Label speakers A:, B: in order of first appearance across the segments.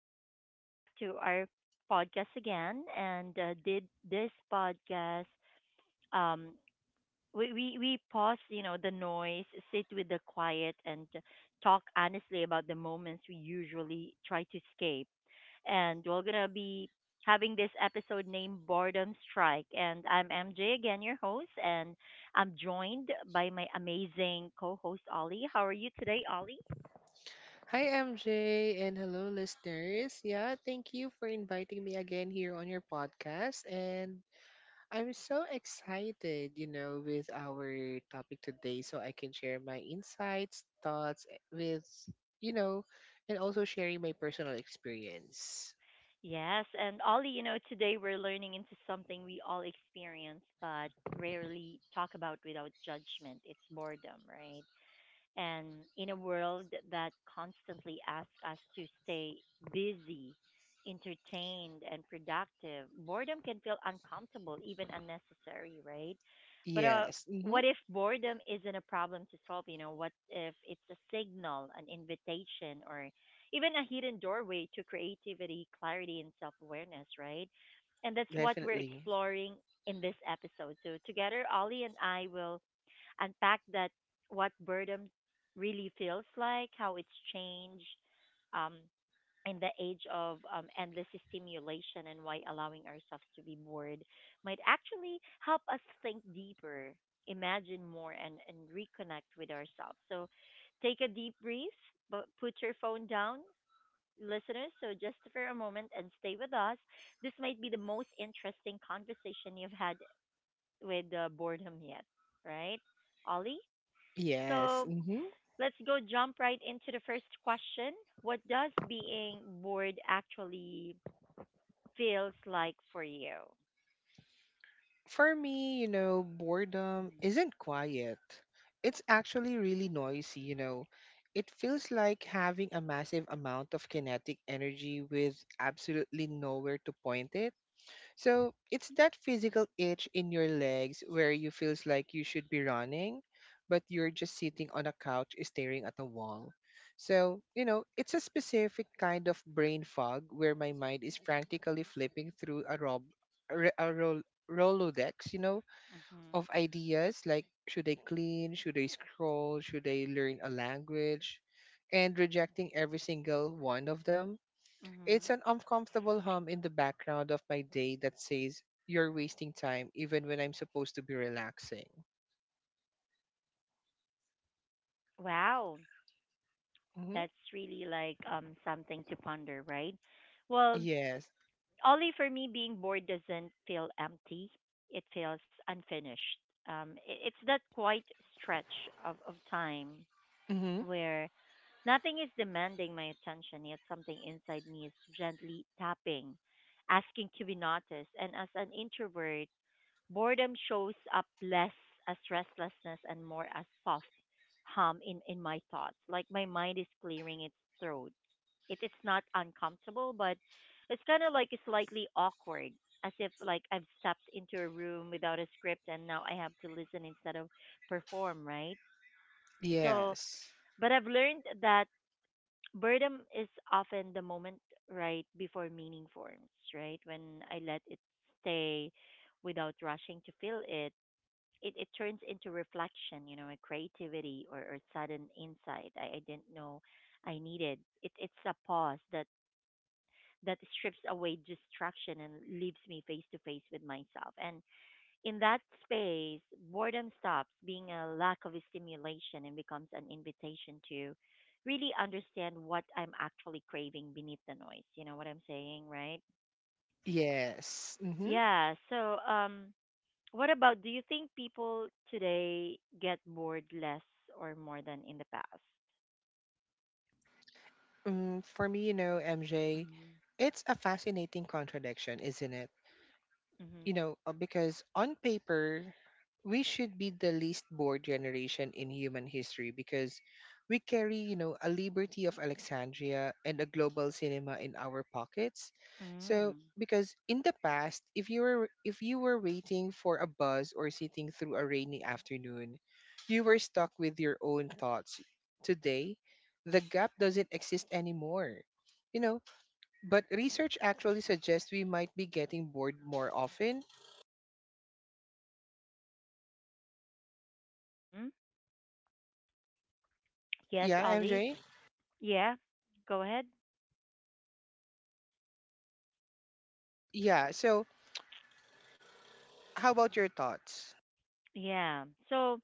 A: and welcome back to our podcast again. And did this podcast, um, we pause, you know, the noise, sit with the quiet, and talk honestly about the moments we usually try to escape. And we're going to be having this episode named Boredom Strike. And I'm MJ, again, your host, and I'm joined by my amazing co host, Ollie. How are you today, Ollie?
B: Hi, MJ, and hello, listeners. Yeah, thank you for inviting me again here on your podcast. And I'm so excited, you know, with our topic today so I can share my insights, thoughts with, you know, and also sharing my personal experience.
A: Yes, and Ollie, you know, today we're learning into something we all experience but rarely talk about without judgment. It's boredom, right? And in a world that constantly asks us to stay busy, entertained, and productive, boredom can feel uncomfortable, even unnecessary, right? But
B: Yes, mm-hmm,
A: what if boredom isn't a problem to solve? You know, what if it's a signal, an invitation, or even a hidden doorway to creativity, clarity, and self awareness, right? And that's what we're
B: definitely.
A: exploring in this episode. So, together, Ollie and I will unpack that what boredom really feels like, how it's changed um, in the age of endless stimulation, and why allowing ourselves to be bored might actually help us think deeper, imagine more, and reconnect with ourselves. So take a deep breath, but put your phone down. Listeners, so just for a moment and stay with us. This might be the most interesting conversation you've had with boredom yet, right? Ollie?
B: Yes.
A: So
B: Mm-hmm.
A: let's go jump right into the first question. What does being bored actually feels like for you?
B: For me, you know, boredom
A: Mm-hmm.
B: isn't quiet. It's actually really noisy, you know. It feels like having a massive amount of kinetic energy with absolutely nowhere to point it. So it's that physical itch in your legs where you feels like you should be running, but you're just sitting on a couch staring at a wall. So, you know, it's a specific kind of brain fog where my mind is frantically flipping through a rob a, re- a roll Rolodex, you know,
A: Mm-hmm.
B: of ideas like should I clean, should I scroll, should I learn a language, and rejecting every single one of them. It's
A: Mm-hmm.
B: an uncomfortable hum in the background of my day that says, "You're wasting time," even when I'm supposed to be relaxing.
A: Wow,
B: Hmm.
A: that's really like something to ponder, right? Well,
B: Yes.
A: only for me, being bored doesn't feel empty. It feels unfinished. It's that quiet stretch of time
B: Hmm.
A: where nothing is demanding my attention, yet something inside me is gently tapping, asking to be noticed. And as an introvert, boredom shows up less as restlessness and more as soft hum in my thoughts. Like my mind is clearing its throat. It's not uncomfortable, but it's kind of like slightly awkward, as if like I've stepped into a room without a script and now I have to listen instead of perform, right? So,
B: Yes.
A: but I've learned that boredom is often the moment right before meaning forms, right? When I let it stay without rushing to fill it, it turns into reflection, you know, a creativity or sudden insight I didn't know I needed. It's a pause that strips away distraction and leaves me face to face with myself. And in that space, boredom stops being a lack of stimulation and becomes an invitation to really understand what I'm actually craving beneath the noise. You know what I'm saying, right?
B: Yes. Hmm.
A: Yeah. So, what about do you think people today get bored less or more than in the past?
B: Mm, for me, you know, MJ,
A: Mm-hmm.
B: it's a fascinating contradiction, isn't it?
A: Mm-hmm.
B: You know, because on paper, we should be the least bored generation in human history because we carry, you know, a liberty of Alexandria and a global cinema in our pockets. So,
A: Mm-hmm.
B: because in the past, if you were waiting for a bus or sitting through a rainy afternoon, you were stuck with your own thoughts. Today, the gap doesn't exist anymore. You know, but research actually suggests we might be getting bored more often.
A: Mm-hmm. Yes,
B: Yeah,
A: Ollie.
B: MJ?
A: Yeah. Go ahead.
B: Yeah. So, how about your thoughts?
A: Yeah. So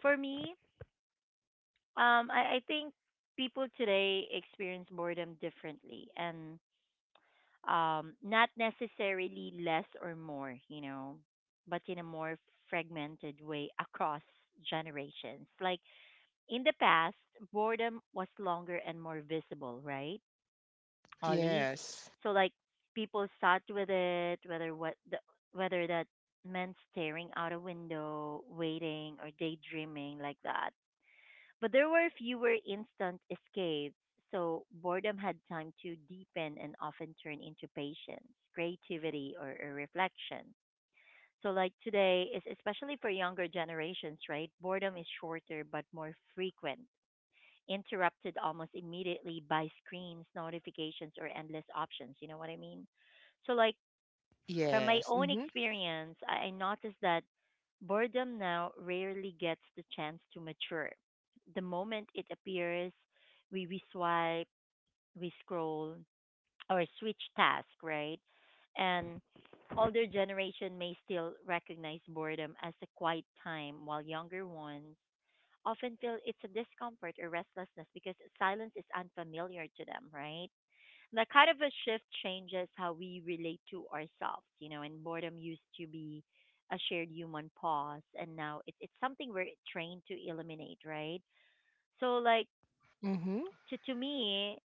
A: for me, I think people today experience boredom differently and not necessarily less or more, you know, but in a more fragmented way across generations. Like in the past, boredom was longer and more visible, right, Ollie?
B: Yes.
A: So like people sat with it, whether that meant staring out a window, waiting, or daydreaming like that, but there were fewer instant escapes, so boredom had time to deepen and often turn into patience, creativity, or reflection. So, like today, is especially for younger generations, right? Boredom is shorter but more frequent, interrupted almost immediately by screens, notifications, or endless options. You know what I mean? So, like, from my
B: Yes.
A: own
B: Mm-hmm.
A: experience, I noticed that boredom now rarely gets the chance to mature. The moment it appears, we swipe, we scroll, or switch task, right? And older generation may still recognize boredom as a quiet time, while younger ones often feel it's a discomfort or restlessness because silence is unfamiliar to them, right? That kind of a shift changes how we relate to ourselves, you know, and boredom used to be a shared human pause and now it's something we're trained to eliminate, right? So like
B: Mm-hmm.
A: to me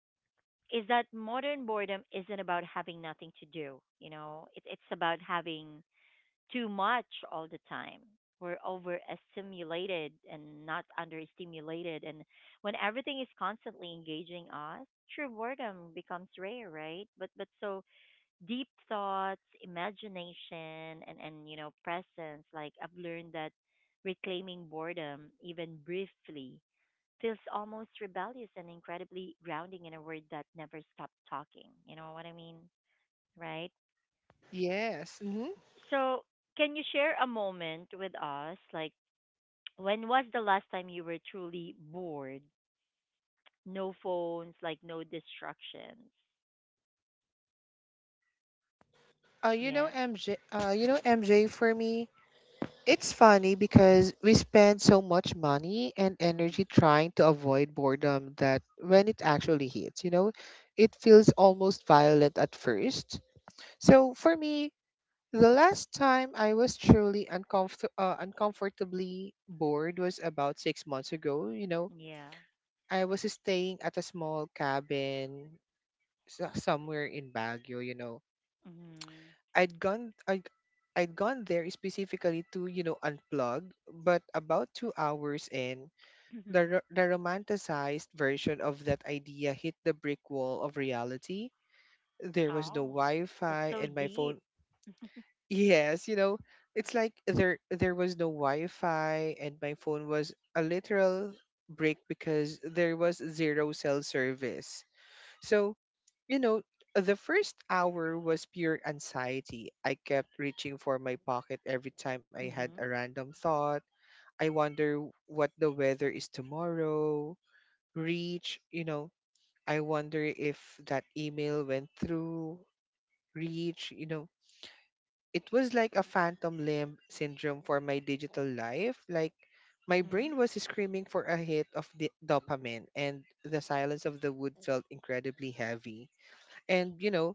A: is that modern boredom isn't about having nothing to do, you know. It's about having too much all the time. We're overstimulated and not understimulated, and when everything is constantly engaging us, true boredom becomes rare, right? But so deep thoughts, imagination, and you know, presence. Like I've learned that reclaiming boredom, even briefly, feels almost rebellious and incredibly grounding in a word that never stopped talking. You know what I mean? Right?
B: Yes. Mm-hmm.
A: So, can you share a moment with us? Like, when was the last time you were truly bored? No phones, like, no distractions.
B: Uh, you
A: Yeah.
B: know, MJ, uh, you know, MJ, for me, it's funny because we spend so much money and
A: hmm
B: energy trying to avoid boredom that when it actually hits, you know, it feels almost violent at first. So for me, the last time I was truly uncomfortably bored was about 6 months ago, you know.
A: Yeah.
B: I was staying at a small cabin somewhere in Baguio, you know.
A: hmm
B: I'd gone i I'd gone there specifically to, you know, unplug, but about 2 hours in, the romanticized version of that idea hit the brick wall of reality. There was no
A: Oh, that's
B: Wi-Fi
A: so
B: and my phone.
A: deep.
B: Yes, you know, it's like there was no Wi-Fi and my phone was a literal brick because there was zero cell service. So, you know, the first hour was pure anxiety. I kept reaching for my pocket every time I had a
A: Mhm.
B: random thought. I wonder what the weather is tomorrow. Reach, you know. I wonder if that email went through. Reach, you know. It was like a phantom limb syndrome for my digital life. Like, my
A: Mhm.
B: brain was screaming for a hit of the dopamine, and the silence of the wood felt incredibly heavy. And, you know,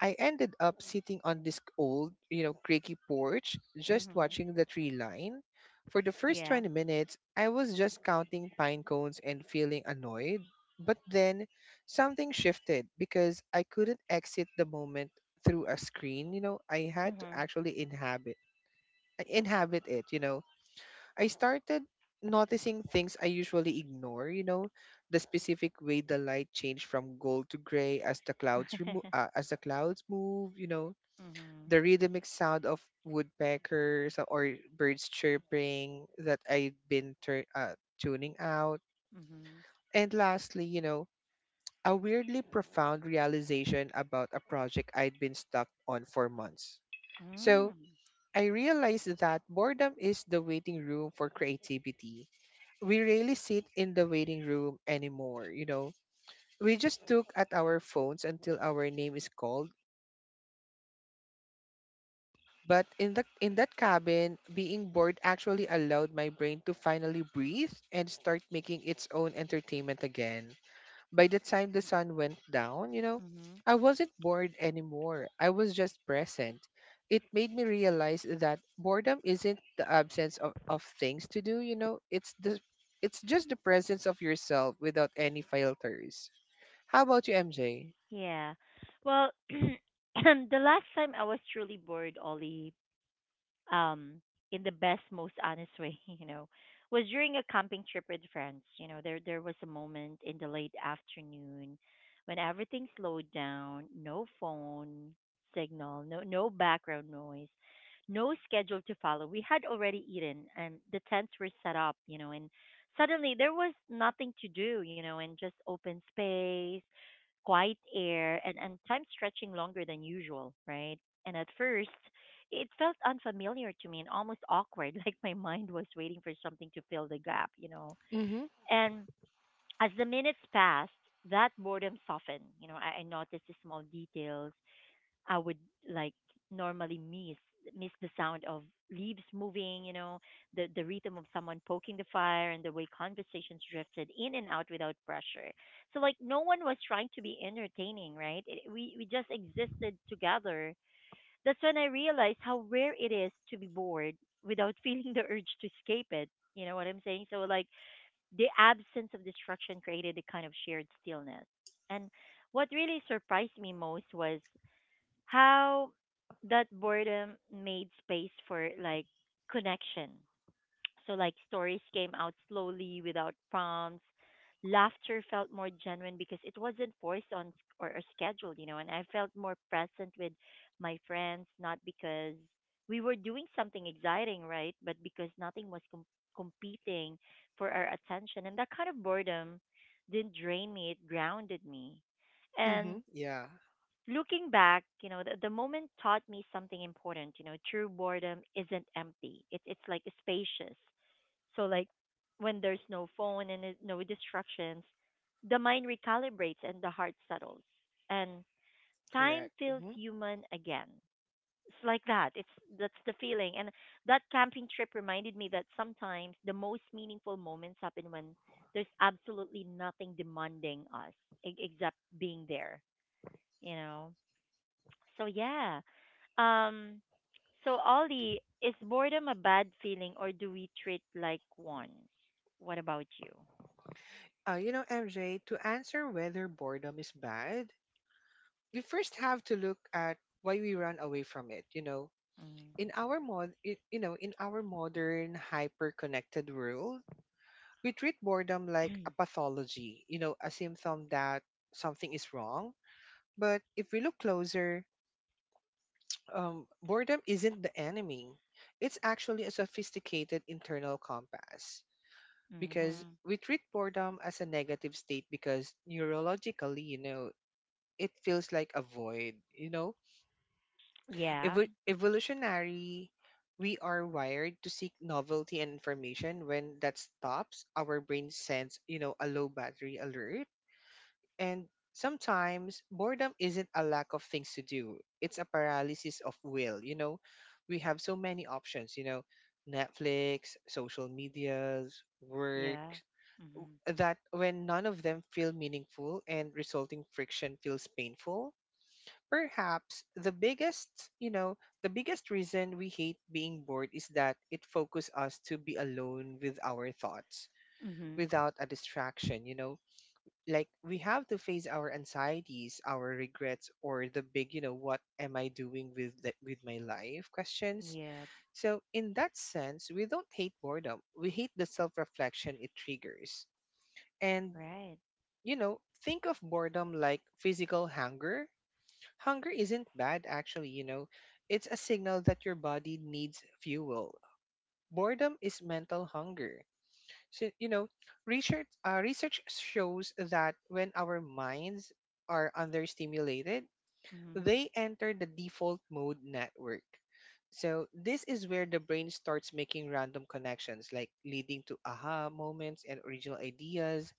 B: I ended up sitting on this old, you know, creaky porch, just
A: Mhm.
B: watching the tree line. For the first
A: Yeah.
B: 20 minutes, I was just counting pine cones and feeling annoyed. But then something shifted because I couldn't exit the moment through a screen. You know, I had to
A: Mhm.
B: actually inhabit it, you know. I started noticing things I usually ignore, you know, the specific way the light changed from gold to gray as as the clouds move, you know,
A: Mhm.
B: the rhythmic sound of woodpeckers or birds chirping that I have been tuning out.
A: Mhm.
B: And lastly, you know, a weirdly profound realization about a project I'd been stuck on for months. So
A: Mm.
B: I realized that boredom is the waiting room for creativity. We rarely sit in the waiting room anymore, you know. We just look at our phones until our name is called. But in that cabin, being bored actually allowed my brain to finally breathe and start making its own entertainment again. By the time the sun went down, you know,
A: Mhm.
B: I wasn't bored anymore. I was just present. It made me realize that boredom isn't the absence of things to do, you know. It's just the presence of yourself without any filters. How about you, MJ?
A: Yeah. Well, the last time I was truly bored, Ollie, um, in the best, most honest way, you know, was during a camping trip with friends. You know, there was a moment in the late afternoon when everything slowed down, no phone signal, no background noise, no schedule to follow. We had already eaten and the tents were set up, you know, and suddenly there was nothing to do, you know, and just open space, quiet air, and time stretching longer than usual, right? And at first, it felt unfamiliar to me and almost awkward, like my mind was waiting for something to fill the gap, you know?
B: Mm-hmm.
A: And as the minutes passed, that boredom softened. You know, I noticed the small details, I would like normally miss the sound of leaves moving, you know, the rhythm of someone poking the fire and the way conversations drifted in and out without pressure. So like no one was trying to be entertaining, right? It, we just existed together. That's when I realized how rare it is to be bored without feeling the urge to escape it. You know what I'm saying? So like the absence of distraction created a kind of shared stillness. And what really surprised me most was how that boredom made space for like connection. So like stories came out slowly without prompts. Laughter felt more genuine because it wasn't forced on s- or scheduled, you know, and I felt more present with my friends, not because we were doing something exciting, right? But because nothing was competing for our attention. And that kind of boredom didn't drain me, it grounded me.
B: Mm-hmm.
A: And
B: Yeah,
A: looking back, you know, the moment taught me something important. You know, true boredom isn't empty. It's like spacious. So like when there's no phone and no distractions, the mind recalibrates and the heart settles, and time
B: correct.
A: feels
B: Mm-hmm.
A: human again. It's like that. It's that's the feeling, and that camping trip reminded me that sometimes the most meaningful moments happen when there's absolutely nothing demanding us except being there. You know. So yeah. Um so Ollie, is boredom a bad feeling or do we treat like one? What about you?
B: You know, MJ, to answer whether boredom is bad, we first have to look at why we run away from it. You know, in our mod, I- you know, in our modern hyper-connected world, we treat boredom like a
A: Mm.
B: pathology. You know, a symptom that something is wrong. But if we look closer, boredom isn't the enemy. It's actually a sophisticated internal compass because
A: Mhm.
B: we treat boredom as a negative state because neurologically, you know, it feels like a void, you know?
A: Yeah.
B: Evolutionary, we are wired to seek novelty and information. When that stops, our brain sends, you know, a low battery alert. And sometimes boredom isn't a lack of things to do, it's a paralysis of will, you know? We have so many options, you know, Netflix, social medias, work,
A: Yeah. Mhm.
B: that when none of them feel meaningful and resulting friction feels painful. Perhaps the biggest, you know, the biggest reason we hate being bored is that it focuses us to be alone with our thoughts
A: Mhm.
B: without a distraction, you know. Like we have to face our anxieties, our regrets, or the big, you know, what am I doing with with my life questions.
A: Yeah.
B: So in that sense, we don't hate boredom. We hate the self-reflection it triggers. And
A: Right.
B: you know, think of boredom like physical hunger. Hunger isn't bad, actually, you know. It's a signal that your body needs fuel. Boredom is mental hunger. So, you know, research shows that when our minds are understimulated,
A: Mhm.
B: they enter the default mode network. So, this is where the brain starts making random connections, like leading to aha moments and original ideas.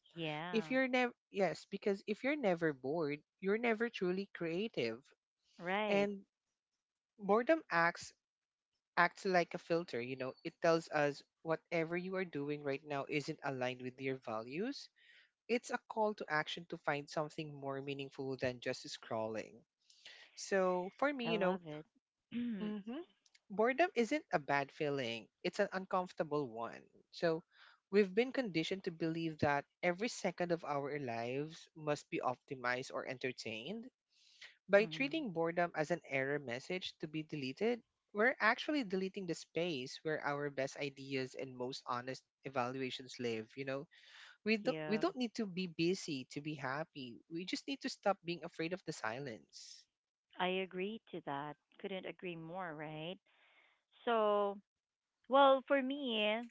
B: If
A: Yeah.
B: you're never, yes, because if you're never bored, you're never truly creative.
A: Right.
B: And boredom acts like a filter. You know, it tells us whatever you are doing right now isn't aligned with your values. It's a call to action to find something more meaningful than just scrolling. So for me,
A: I
B: you know,
A: love it.
B: hmm, boredom isn't a bad feeling, it's an uncomfortable one. So we've been conditioned to believe that every second of our lives must be optimized or entertained. By
A: Mhm.
B: treating boredom as an error message to be deleted, we're actually deleting the space where our best ideas and most honest evaluations live, you know? We don't we
A: Yeah.
B: don't need to be busy to be happy. We just need to stop being afraid of the silence.
A: I agree to that. Couldn't agree more, right? So, well, for me,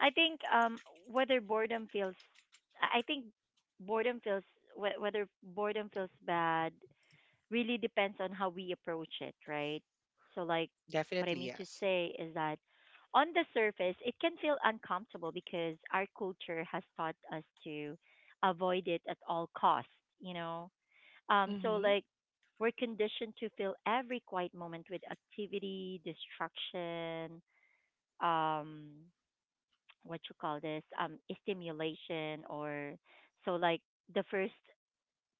A: I think whether boredom feels I think boredom feels whe- whether boredom feels bad really depends on how we approach it, right? So like what I
B: Definitely
A: mean to
B: yes.
A: say is that on the surface it can feel uncomfortable because our culture has taught us to avoid it at all costs, you know. So
B: Mhm.
A: like we're conditioned to fill every quiet moment with activity, distraction, um what you call this stimulation, or so like the first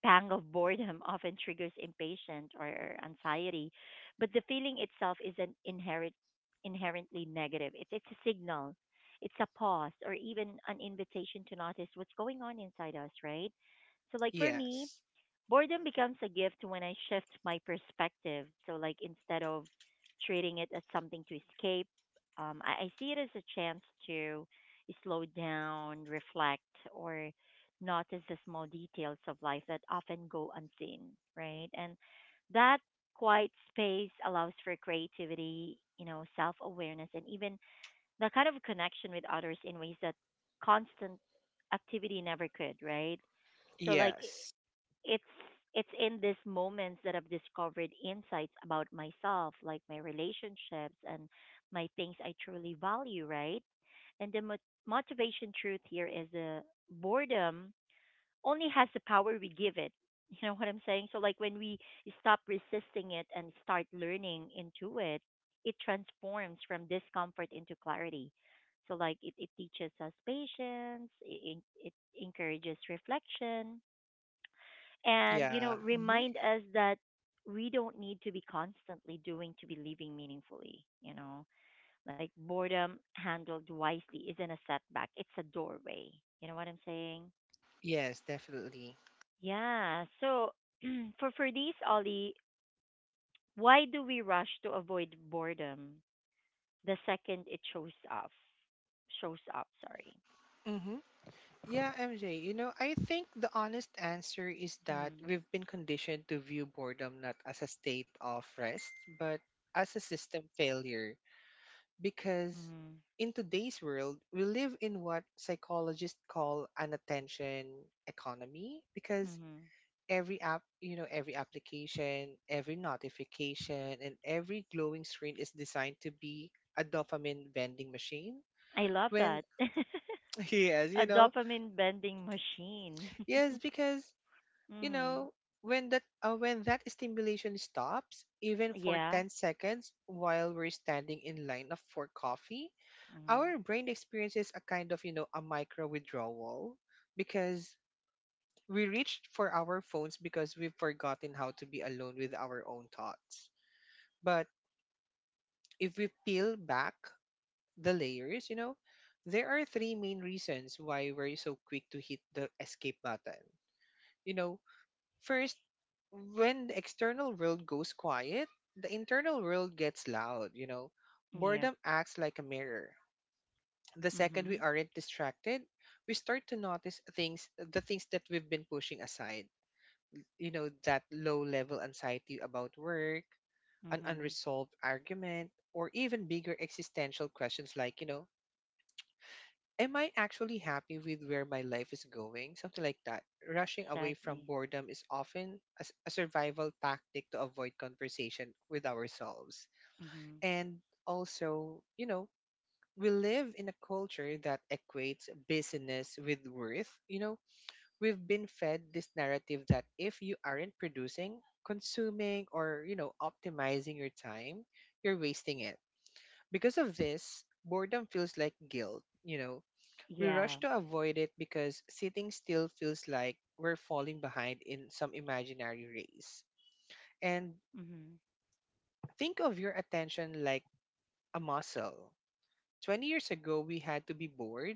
A: pang of boredom often triggers impatience or anxiety, but the feeling itself isn't inherently negative. It's a signal. It's a pause or even an invitation to notice what's going on inside us, right? So like for me,
B: Yes.
A: boredom becomes a gift when I shift my perspective. So, like, instead of treating it as something to escape, I see it as a chance to slow down, reflect, or notice the small details of life that often go unseen, right? And that quiet space allows for creativity, you know, self awareness, and even the kind of connection with others in ways that constant activity never could, right? So like
B: Yes.
A: it's it's in these moments that I've discovered insights about myself, like my relationships and my things I truly value, right? And motivation truth here is the boredom only has the power we give it. You know what I'm saying? So like when we stop resisting it and start learning into it, it transforms from discomfort into clarity. So like it teaches us patience, it encourages reflection, and you
B: Yeah.
A: know
B: Mhm.
A: remind us that we don't need to be constantly doing to be living meaningfully, you know. Like boredom handled wisely isn't a setback, it's a doorway. You know what I'm saying?
B: Yes, definitely.
A: Yeah, so for these, Ollie, why do we rush to avoid boredom the second it shows up, sorry.
B: Mhm. Yeah, MJ, you know, I think the honest answer is that
A: mm,
B: we've been conditioned to view boredom not as a state of rest, but as a system failure. Because
A: mhm.
B: in today's world, we live in what psychologists call an attention economy, because
A: Mhm.
B: every app, you know, every application, every notification, and every glowing screen is designed to be a dopamine vending machine.
A: I love
B: When,
A: that.
B: yes, you
A: A
B: know,
A: dopamine bending machine.
B: yes, because you
A: Mhm.
B: know when that stimulation stops even for
A: Yeah.
B: 10 seconds while we're standing in line of for coffee, our
A: Mhm.
B: brain experiences a kind of, you know, a micro withdrawal, because we reached for our phones because we've forgotten how to be alone with our own thoughts. But if we peel back the layers, you know, there are 3 main reasons why we're so quick to hit the escape button, you know. First, when the external world goes quiet, the internal world gets loud, you know.
A: Yeah.
B: Boredom acts like a mirror. The second we
A: Mhm.
B: aren't distracted, we start to notice things, the things that we've been pushing aside. You know, that low level anxiety about work, an
A: Mhm.
B: unresolved argument, or even bigger existential questions like, you know, am I actually happy with where my life is going? Something like that. Rushing away from
A: Exactly.
B: boredom is often a survival tactic to avoid conversation with ourselves.
A: Mhm.
B: And also, you know, we live in a culture that equates busyness with worth. You know, we've been fed this narrative that if you aren't producing, consuming, or, you know, optimizing your time, you're wasting it. Because of this, boredom feels like guilt. You know, we rush
A: Yeah.
B: to avoid it because sitting still feels like we're falling behind in some imaginary race. And
A: Mhm.
B: think of your attention like a muscle. 20 years ago, we had to be bored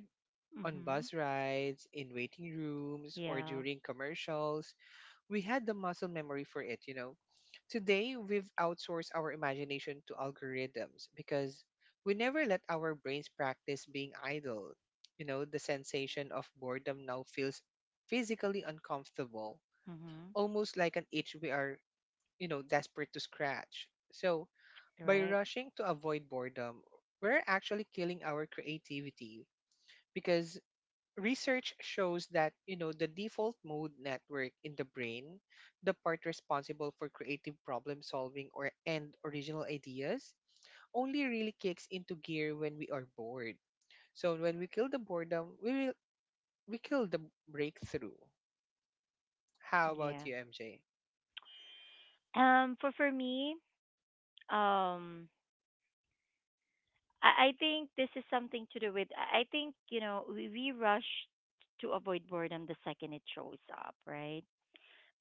B: on bus
A: Mhm.
B: rides, in waiting rooms, or
A: Yeah.
B: during commercials. We had the muscle memory for it, you know. Today, we've outsourced our imagination to algorithms because we never let our brains practice being idle. You know, the sensation of boredom now feels physically uncomfortable,
A: Mhm.
B: almost like an itch we are, you know, desperate to scratch. So, by
A: Right.
B: rushing to avoid boredom, we're actually killing our creativity because research shows that the default mode network in the brain, the part responsible for creative problem solving or and original ideas, only really kicks into gear when we are bored. So when we kill the boredom, we kill the breakthrough. How about you,
A: Yeah.
B: MJ?
A: For me, um, I think this is something to do with I think you know we rush to avoid boredom the second it shows up, right?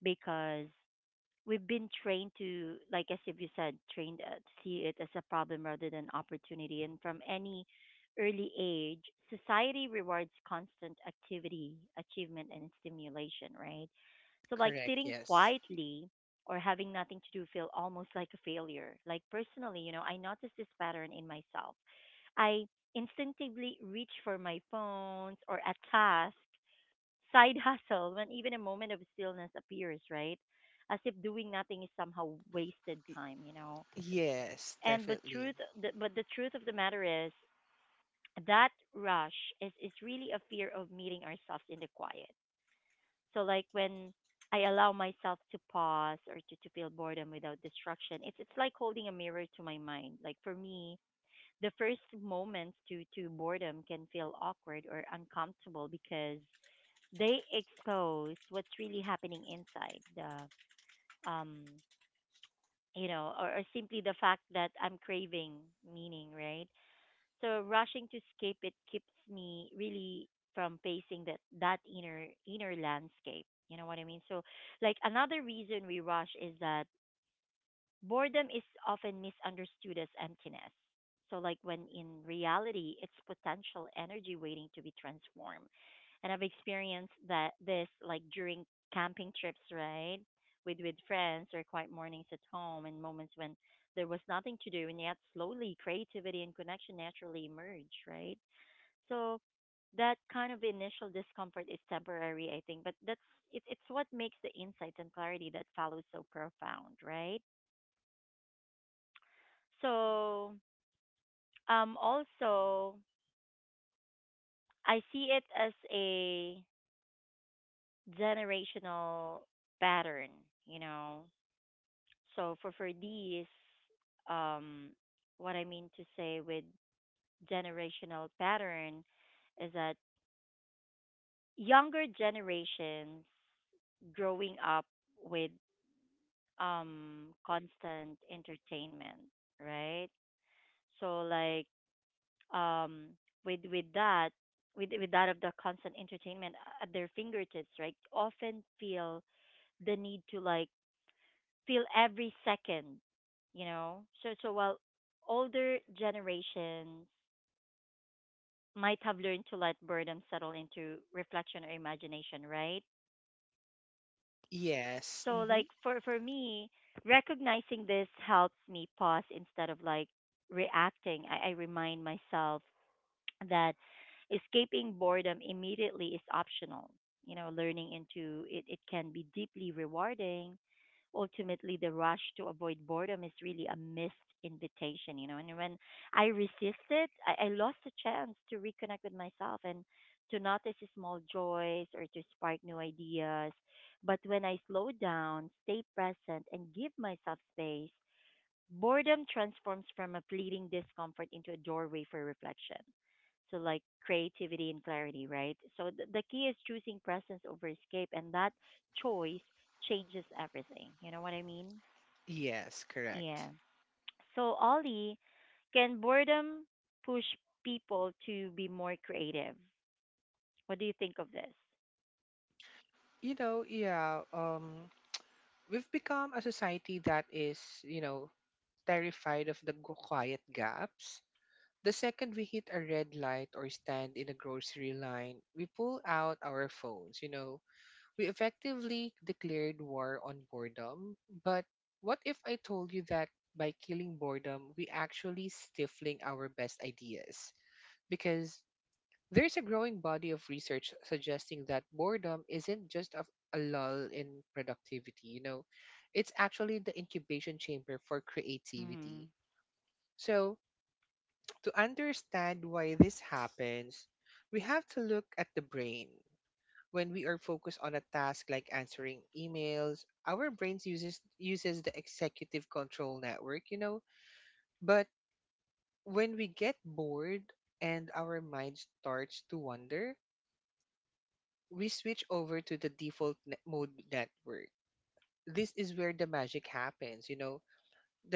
A: Because we've been trained to, like as if you said trained to see it as a problem rather than opportunity, and from any early age society rewards constant activity, achievement and stimulation, right? So like
B: Correct,
A: sitting
B: yes.
A: quietly or having nothing to do feel almost like a failure. Like personally, you know, I noticed this pattern in myself. I instinctively reach for my phones or a task, side hustle, when even a moment of stillness appears, right? As if doing nothing is somehow wasted
B: Y-
A: time, you know.
B: yes,
A: And but
B: definitely.
A: truth, the, but the truth of the matter is that rush is really a fear of meeting ourselves in the quiet. So like when I allow myself to pause or to feel boredom without distraction, it's like holding a mirror to my mind. Like for me, the first moments to boredom can feel awkward or uncomfortable because they expose what's really happening inside the um you know, or simply the fact that I'm craving meaning, right? So rushing to escape it keeps me really from facing that that inner landscape, you know what I mean. So like another reason we rush is that boredom is often misunderstood as emptiness. So like when in reality, it's potential energy waiting to be transformed. And I've experienced that this like during camping trips, right? With friends or quiet mornings at home, and moments when there was nothing to do, and yet slowly creativity and connection naturally emerge, right? So that kind of initial discomfort is temporary, I think, but that's it's what makes the insights and clarity that follows so profound, right? So, also, I see it as a generational pattern, you know. So for these, um, what I mean to say with generational pattern is that younger generations growing up with constant entertainment, right? So like um with with that with that of the constant entertainment at their fingertips, right, often feel the need to like feel every second, you know. So so while older generations might have learned to let boredom settle into reflection or imagination, right?
B: Yes.
A: So like
B: Hmm.
A: for me, recognizing this helps me pause instead of like reacting. I remind myself that escaping boredom immediately is optional. You know, learning into it, it can be deeply rewarding. Ultimately, the rush to avoid boredom is really a missed invitation, you know. And when I resist it, I lost a chance to reconnect with myself and to notice the small joys or to spark new ideas. But when I slow down, stay present, and give myself space, boredom transforms from a fleeting discomfort into a doorway for reflection. So like creativity and clarity, right? So, the key is choosing presence over escape, and that choice changes everything. You know what I mean?
B: Yes,
A: Yeah.
B: correct.
A: So, Ollie, can boredom push people to be more creative? What do you think of this?
B: You know, yeah, um we've become a society that is, you know, terrified of the quiet gaps. The second we hit a red light or stand in a grocery line, we pull out our phones, you know. We effectively declared war on boredom, but what if I told you that by killing boredom, we actually stifling our best ideas? Because there's a growing body of research suggesting that boredom isn't just a lull in productivity, you know, it's actually the incubation chamber for
A: Mhm.
B: creativity. So, to understand why this happens, we have to look at the brain. When we are focused on a task like answering emails, our brains uses the executive control network, you know, but when we get bored and our mind starts to wander, we switch over to the default mode network. This is where the magic happens, you know.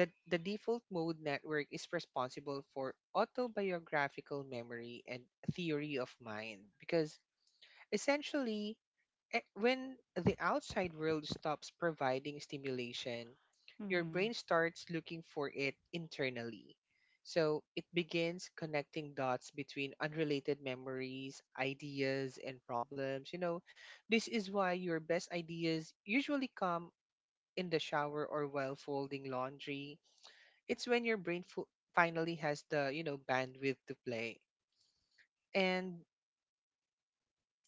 B: The default mode network is responsible for autobiographical memory and theory of mind because essentially, when the outside world stops providing stimulation, your
A: Mhm.
B: brain starts looking for it internally. So it begins connecting dots between unrelated memories, ideas, and problems. You know, this is why your best ideas usually come in the shower or while folding laundry. It's when your brain finally has the, you know, bandwidth to play. And,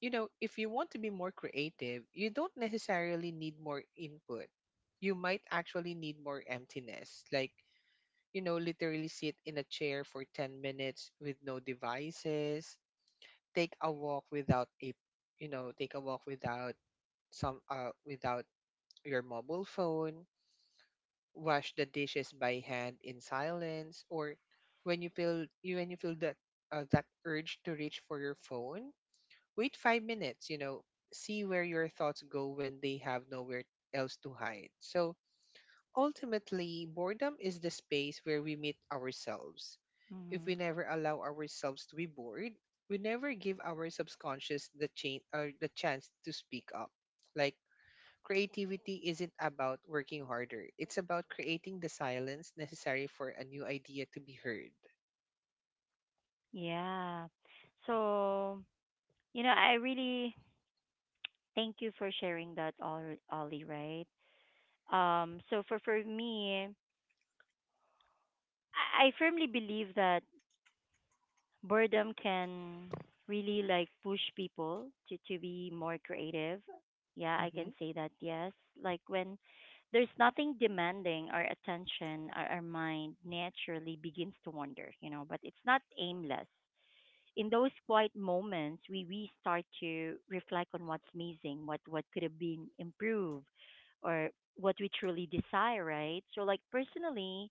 B: you know, if you want to be more creative, you don't necessarily need more input. You might actually need more emptiness. Like, you know, literally sit in a chair for 10 minutes with no devices, take a walk without take a walk without without your mobile phone, wash the dishes by hand in silence, or when when you feel that, that urge to reach for your phone, wait 5 minutes, you know, see where your thoughts go when they have nowhere else to hide. So ultimately, boredom is the space where we meet ourselves. If
A: Mhm.
B: we never allow ourselves to be bored, we never give our subconscious the chain or the chance to speak up. Like, creativity isn't about working harder. It's about creating the silence necessary for a new idea to be heard.
A: Yeah. So, you know, I really thank you for sharing that, Ollie, right? So for me, I firmly believe that boredom can really like push people to be more creative. Yeah, I can
B: Mm-hmm.
A: say that, yes. Like when there's nothing demanding our attention, our mind naturally begins to wander, you know, but it's not aimless. In those quiet moments, we start to reflect on what's missing, what could have been improved, or what we truly desire, right? So like personally,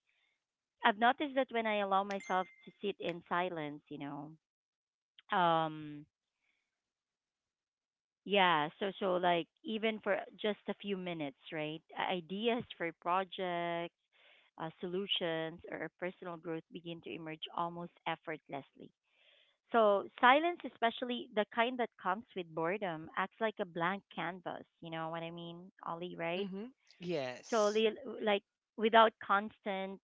A: I've noticed that when I allow myself to sit in silence, you know, um, yeah, so so like even for just a few minutes, right? Ideas for projects, solutions, or personal growth begin to emerge almost effortlessly. So silence, especially the kind that comes with boredom, acts like a blank canvas. You know what I mean, Ollie, right?
B: Mm-hmm.
A: So
B: Yes.
A: like without constant,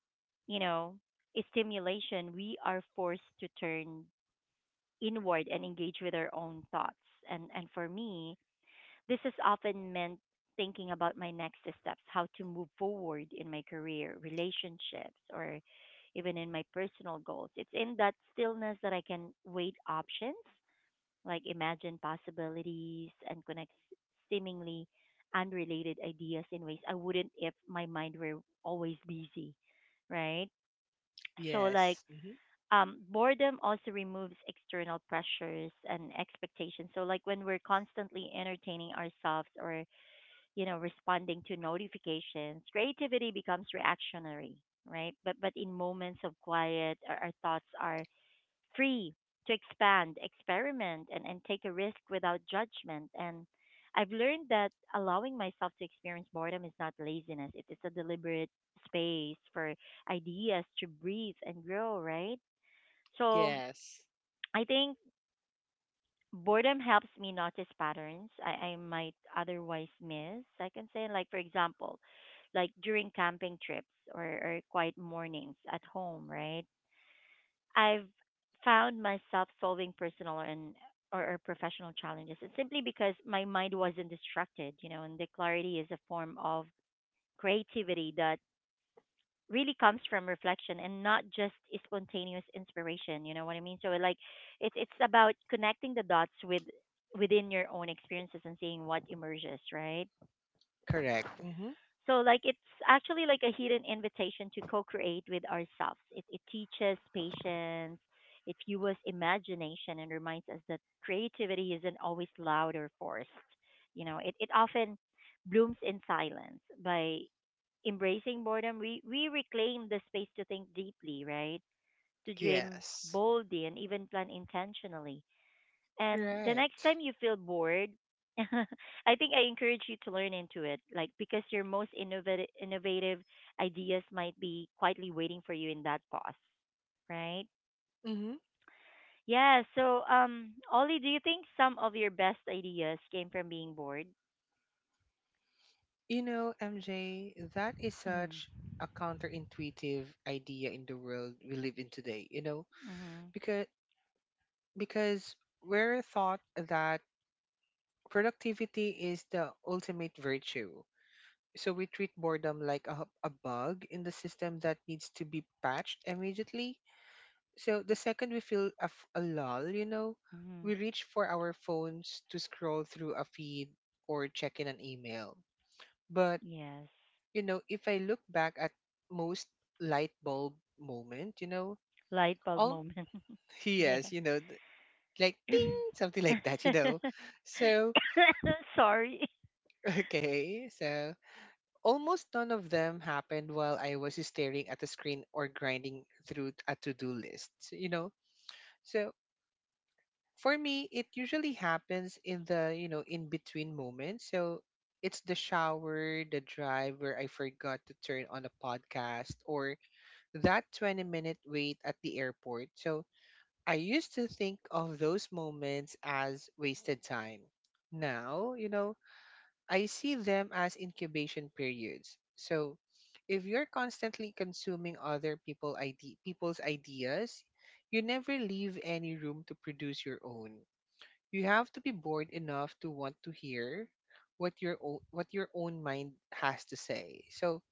A: you know, stimulation, we are forced to turn inward and engage with our own thoughts. And for me, this has often meant thinking about my next steps, how to move forward in my career, relationships, or even in my personal goals. It's in that stillness that I can weigh options, like imagine possibilities and connect seemingly unrelated ideas in ways I wouldn't if my mind were always busy, right? So like
B: Yes. Mm-hmm.
A: boredom also removes external pressures and expectations. So like when we're constantly entertaining ourselves or, you know, responding to notifications, creativity becomes reactionary, right? But in moments of quiet, our thoughts are free to expand, experiment, and take a risk without judgment. And I've learned that allowing myself to experience boredom is not laziness, it is a deliberate space for ideas to breathe and grow, right? So
B: Yes.
A: I think boredom helps me notice patterns I might otherwise miss, I can say. Like, for example, like during camping trips or quiet mornings at home, right? I've found myself solving personal and or professional challenges. It's simply because my mind wasn't distracted, you know, and the clarity is a form of creativity that really comes from reflection and not just a spontaneous inspiration. You know what I mean? So like it's about connecting the dots with within your own experiences and seeing what emerges, right?
B: Correct. Hmm.
A: So like it's actually like a hidden invitation to co-create with ourselves. It teaches patience, it fuels imagination and reminds us that creativity isn't always loud or forced. You know, it often blooms in silence. By embracing boredom, we reclaim the space to think deeply, right? To dream
B: Yes.
A: boldly and even plan intentionally. And the next time
B: Correct.
A: you feel bored, I think I encourage you to learn into it, like because your most innovative ideas might be quietly waiting for you in that pause, right?
B: Hmm.
A: Yeah. So, Ollie, do you think some of your best ideas came from being bored?
B: You know, MJ, that is
A: Mm.
B: such a counterintuitive idea in the world we live in today, you know,
A: Mhm.
B: because because we're taught that productivity is the ultimate virtue. So we treat boredom like a bug in the system that needs to be patched immediately. So the second we feel a lull, you know,
A: Mhm.
B: we reach for our phones to scroll through a feed or check in an email. But,
A: Yes.
B: you know, if I look back at most light bulb moment, you know,
A: Light bulb
B: all
A: moment. Yeah.
B: yes, you know, like ding, something like that, you know. So,
A: Sorry.
B: okay, so almost none of them happened while I was staring at the screen or grinding through a to-do list, you know. So, for me it usually happens in the, you know, in between moments. So it's the shower, the drive where I forgot to turn on a podcast, or that 20-minute wait at the airport. So I used to think of those moments as wasted time. Now, you know, I see them as incubation periods. So if you're constantly consuming other people's ideas, you never leave any room to produce your own. You have to be bored enough to want to hear what your own mind has to say. So,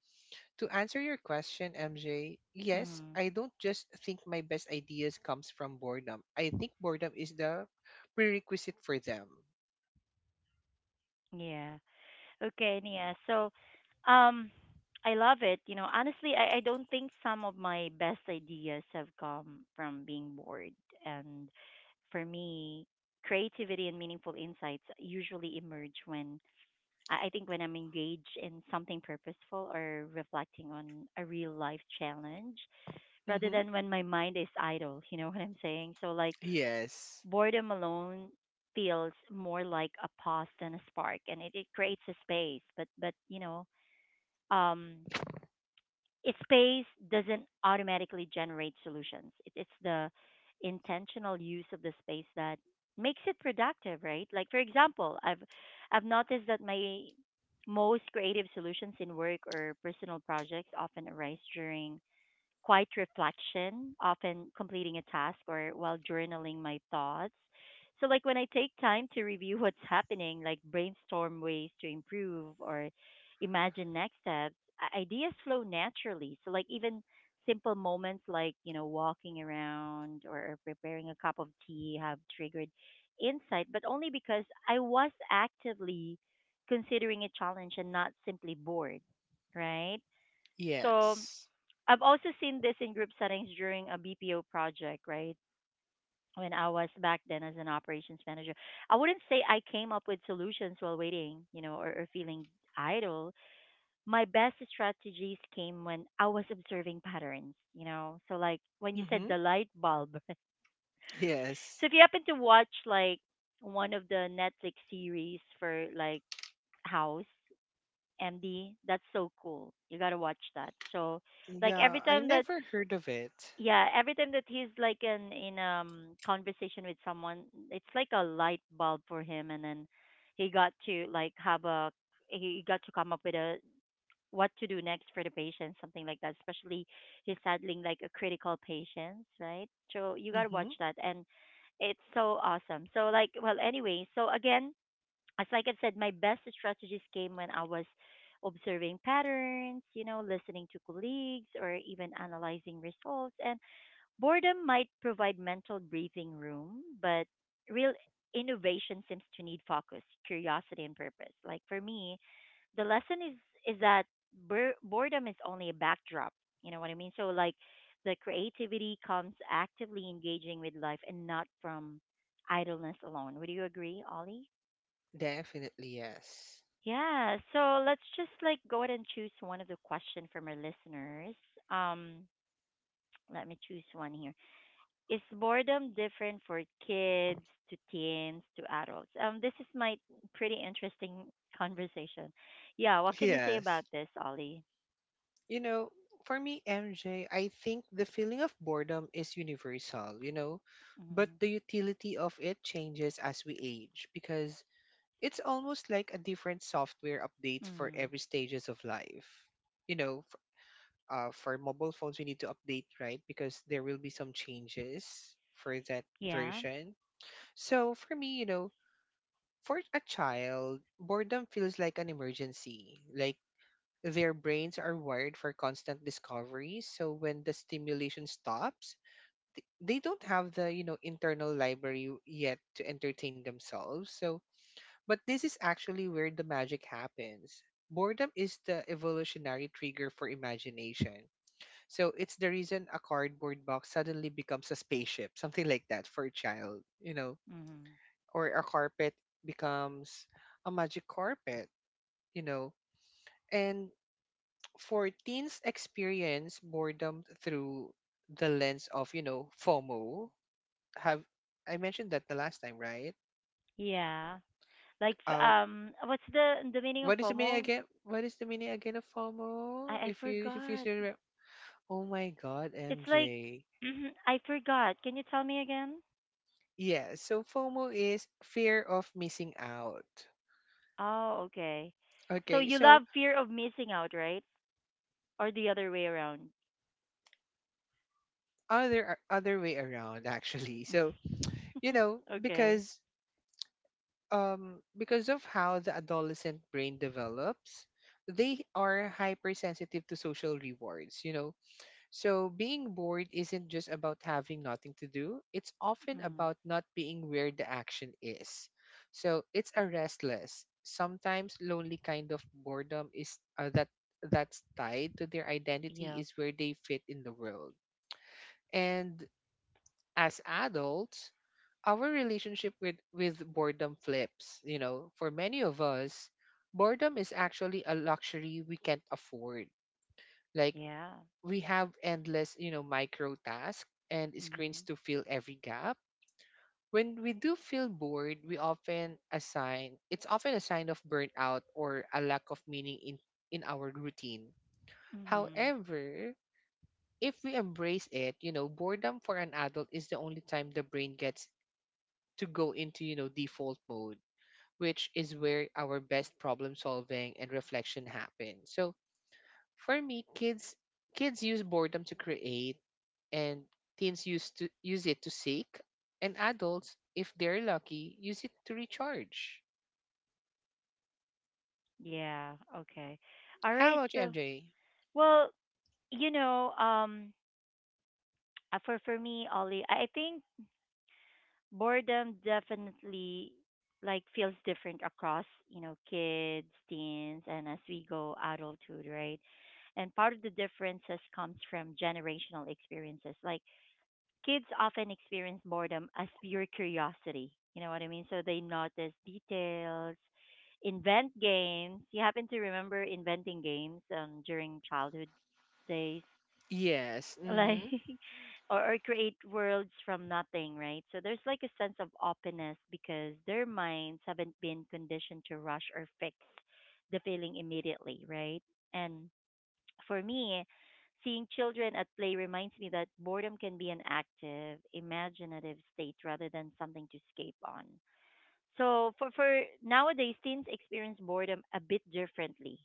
B: to answer your question, MJ, yes,
A: Mm.
B: I don't just think my best ideas comes from boredom. I think boredom is the prerequisite for them.
A: Yeah. Okay, Nia. So, um, I love it. You know, honestly, I don't think some of my best ideas have come from being bored. And for me, creativity and meaningful insights usually emerge when I think when I'm engaged in something purposeful or reflecting on a real life challenge rather
B: Mhm.
A: than when my mind is idle. You know what I'm saying? So like
B: Yes.
A: boredom alone feels more like a pause than a spark, and it creates a space, but you know um it space doesn't automatically generate solutions. It's the intentional use of the space that makes it productive, right? Like for example, I've noticed that my most creative solutions in work or personal projects often arise during quiet reflection, often completing a task or while journaling my thoughts. So like when I take time to review what's happening, like brainstorm ways to improve or imagine next steps, ideas flow naturally. So like even simple moments like, you know, walking around or preparing a cup of tea have triggered insight, but only because I was actively considering a challenge and not simply bored, right? So,
B: Yes.
A: I've also seen this in group settings during a BPO project, right? When I was back then as an operations manager, I wouldn't say I came up with solutions while waiting, you know, or feeling idle. My best strategies came when I was observing patterns, you know. So like when you said
B: Mm-hmm.
A: the light bulb. So,
B: Yes.
A: if you happen to watch like one of the Netflix series for like House MD, that's so cool. You got to watch that. So like every
B: Yeah, I
A: time that,
B: never heard of it.
A: yeah, every time that he's like in in conversation with someone, it's like a light bulb for him, and then he got to like have a, he got to come up with a what to do next for the patient, something like that, especially he's handling like a critical patient, right? So you got to watch
B: Mm-hmm.
A: that, and it's so awesome. So like, well, anyway, so again, as like I said, my best strategies came when I was observing patterns, you know, listening to colleagues or even analyzing results. And boredom might provide mental breathing room, but real innovation seems to need focus, curiosity, and purpose. Like for me, the lesson is that boredom is only a backdrop. You know what I mean? So like the creativity comes actively engaging with life and not from idleness alone. Would you agree, Ollie?
B: Definitely yes.
A: Yeah, so let's just like go ahead and choose one of the question from our listeners. Um, Let me choose one here. Is boredom different for kids to teens to adults? This is my pretty interesting conversation. Yeah, what can you say about
B: Yes.
A: this, Ollie?
B: You know, for me, MJ, I think the feeling of boredom is universal, you know, but
A: Mm,
B: the utility of it changes as we age because it's almost like a different software updates for
A: mm,
B: every stages of life. You know, for mobile phones, we need to update, right? Because there will be some changes for that
A: yeah,
B: version. So for me, you know, for a child, boredom feels like an emergency, like their brains are wired for constant discovery. So when the stimulation stops, they don't have the, you know, internal library yet to entertain themselves. So, but this is actually where the magic happens. Boredom is the evolutionary trigger for imagination. So it's the reason a cardboard box suddenly becomes a spaceship, something like that for a child, you know,
A: mm,
B: or a carpet becomes a magic carpet, you know. And for teens experience boredom through the lens of, you know, FOMO. Have I mentioned that the last time, right?
A: yeah. Like,
B: Uh,
A: what's the meaning of
B: what is the meaning
A: FOMO?
B: again? What is the meaning again of FOMO?
A: I
B: If you
A: forgot.
B: still remember, oh my God,
A: It's like
B: MJ.
A: I forgot. Can you tell me again?
B: Yeah, so FOMO is fear of missing out.
A: Oh, okay. So
B: Okay,
A: you love
B: so
A: fear of missing out, right? Or the other way around?
B: other way around actually. So you know,
A: Okay.
B: because of how the adolescent brain develops, they are hypersensitive to social rewards, you know. So being bored isn't just about having nothing to do, it's often
A: Mm.
B: about not being where the action is. So it's a restless, sometimes lonely kind of boredom is that's tied to their
A: Yeah.
B: identity is where they fit in the world. And as adults, our relationship with boredom flips. You know, for many of us, boredom is actually a luxury we can't afford. Like,
A: Yeah.
B: we have endless, you know, micro tasks and screens
A: Mhm.
B: to fill every gap. When we do feel bored, we often assign it's often a sign of burnout or a lack of meaning in our routine.
A: Mhm.
B: However, if we embrace it, you know, boredom for an adult is the only time the brain gets to go into, you know, default mode, which is where our best problem solving and reflection happen. So for me, kids use boredom to create, and teens use it to seek, and adults, if they're lucky, use it to recharge.
A: Yeah. Okay. All right.
B: How about you,
A: So,
B: MJ?
A: well, you know, for me, Ollie, I think boredom definitely like feels different across, you know, kids, teens, and as we go adulthood, right? And part of the differences comes from generational experiences. Like kids often experience boredom as pure curiosity. You know what I mean? So they notice details, invent games. You happen to remember inventing games during childhood days?
B: Yes. Mm-hmm.
A: Like, or create worlds from nothing, right? So there's like a sense of openness because their minds haven't been conditioned to rush or fix the feeling immediately, right? And for me, seeing children at play reminds me that boredom can be an active, imaginative state rather than something to escape on. So for nowadays, teens experience boredom a bit differently.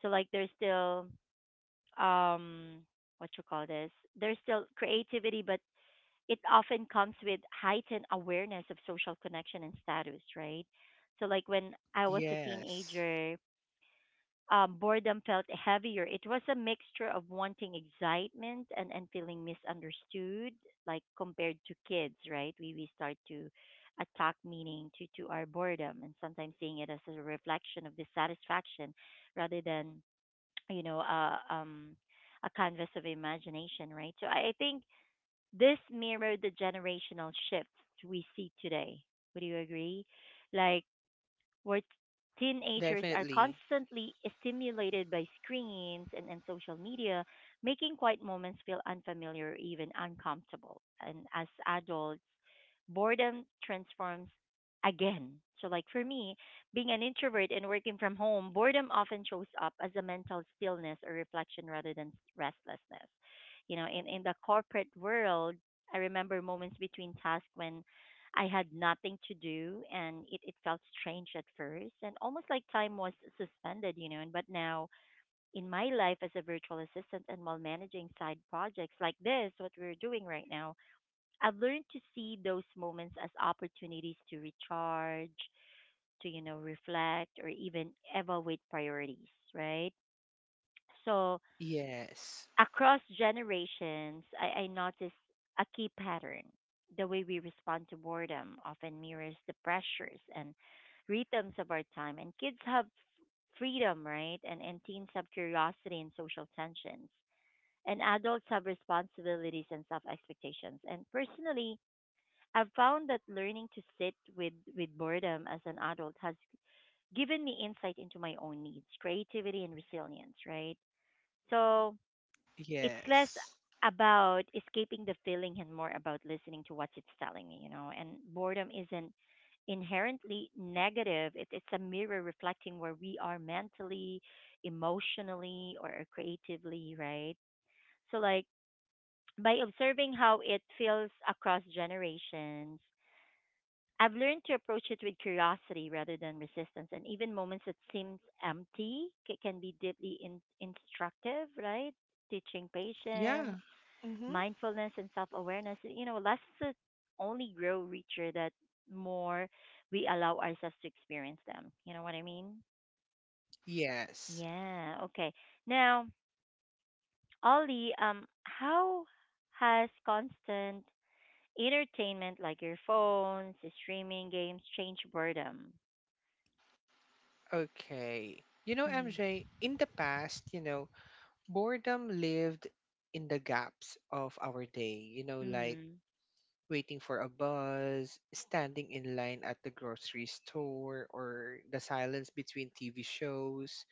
A: So like there's still um what you call this? There's still creativity, but it often comes with heightened awareness of social connection and status, right? So like when I was a
B: Yes.
A: teenager, boredom felt heavier. It was a mixture of wanting excitement and feeling misunderstood, like compared to kids, right? We start to attack meaning to our boredom and sometimes seeing it as a reflection of dissatisfaction rather than, you know, a canvas of imagination, right? So I think this mirrored the generational shifts we see today. Would you agree? Like, where teenagers are
B: Definitely.
A: constantly stimulated by screens and social media, making quiet moments feel unfamiliar or even uncomfortable. And as adults, boredom transforms again. So, like for me, being an introvert and working from home, boredom often shows up as a mental stillness or reflection rather than restlessness. You know, in the corporate world, I remember moments between tasks when I had nothing to do and it felt strange at first and almost like time was suspended, you know. And but now in my life as a virtual assistant and while managing side projects like this, what we're doing right now, I've learned to see those moments as opportunities to recharge, to, you know, reflect or even evaluate priorities, right? So
B: Yes.
A: across generations, I noticed a key pattern. The way we respond to boredom often mirrors the pressures and rhythms of our time. And kids have freedom, right? And teens have curiosity and social tensions. And adults have responsibilities and self expectations. And personally, I've found that learning to sit with boredom as an adult has given me insight into my own needs, creativity, and resilience, right? So it's less
B: Yes.
A: about escaping the feeling and more about listening to what it's telling me, you know. And boredom isn't inherently negative. It's a mirror reflecting where we are mentally, emotionally, or creatively, right? So, like, by observing how it feels across generations, I've learned to approach it with curiosity rather than resistance. And even moments that seem empty can be deeply instructive, right? Teaching patience
B: Yeah. Mm-hmm.
A: mindfulness and self awareness, you know, lessons only grow richer that more we allow ourselves to experience them. You know what I mean?
B: Yes.
A: Yeah. Okay. Now, Ollie, how has constant entertainment like your phones, streaming games changed boredom?
B: Okay. You know,
A: Mm.
B: MJ, in the past, you know, boredom lived in the gaps of our day, you know, like
A: Mm.
B: waiting for a bus, standing in line at the grocery store, or the silence between TV shows.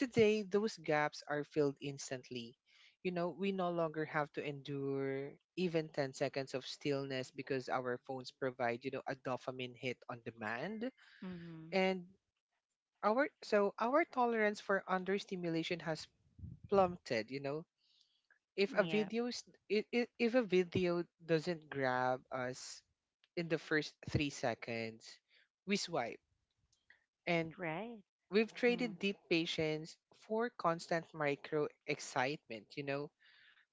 B: Today, those gaps are filled instantly. You know, we no longer have to endure even 10 seconds of stillness because our phones provide, you know, a dopamine hit on demand.
A: Mm.
B: And our, so our tolerance for understimulation has plummeted, you know, if a
A: Yeah.
B: video is- I- if a video doesn't grab us in the first 3 seconds, we swipe, and
A: Right.
B: we've
A: Mm.
B: traded deep patience for constant micro excitement. You know,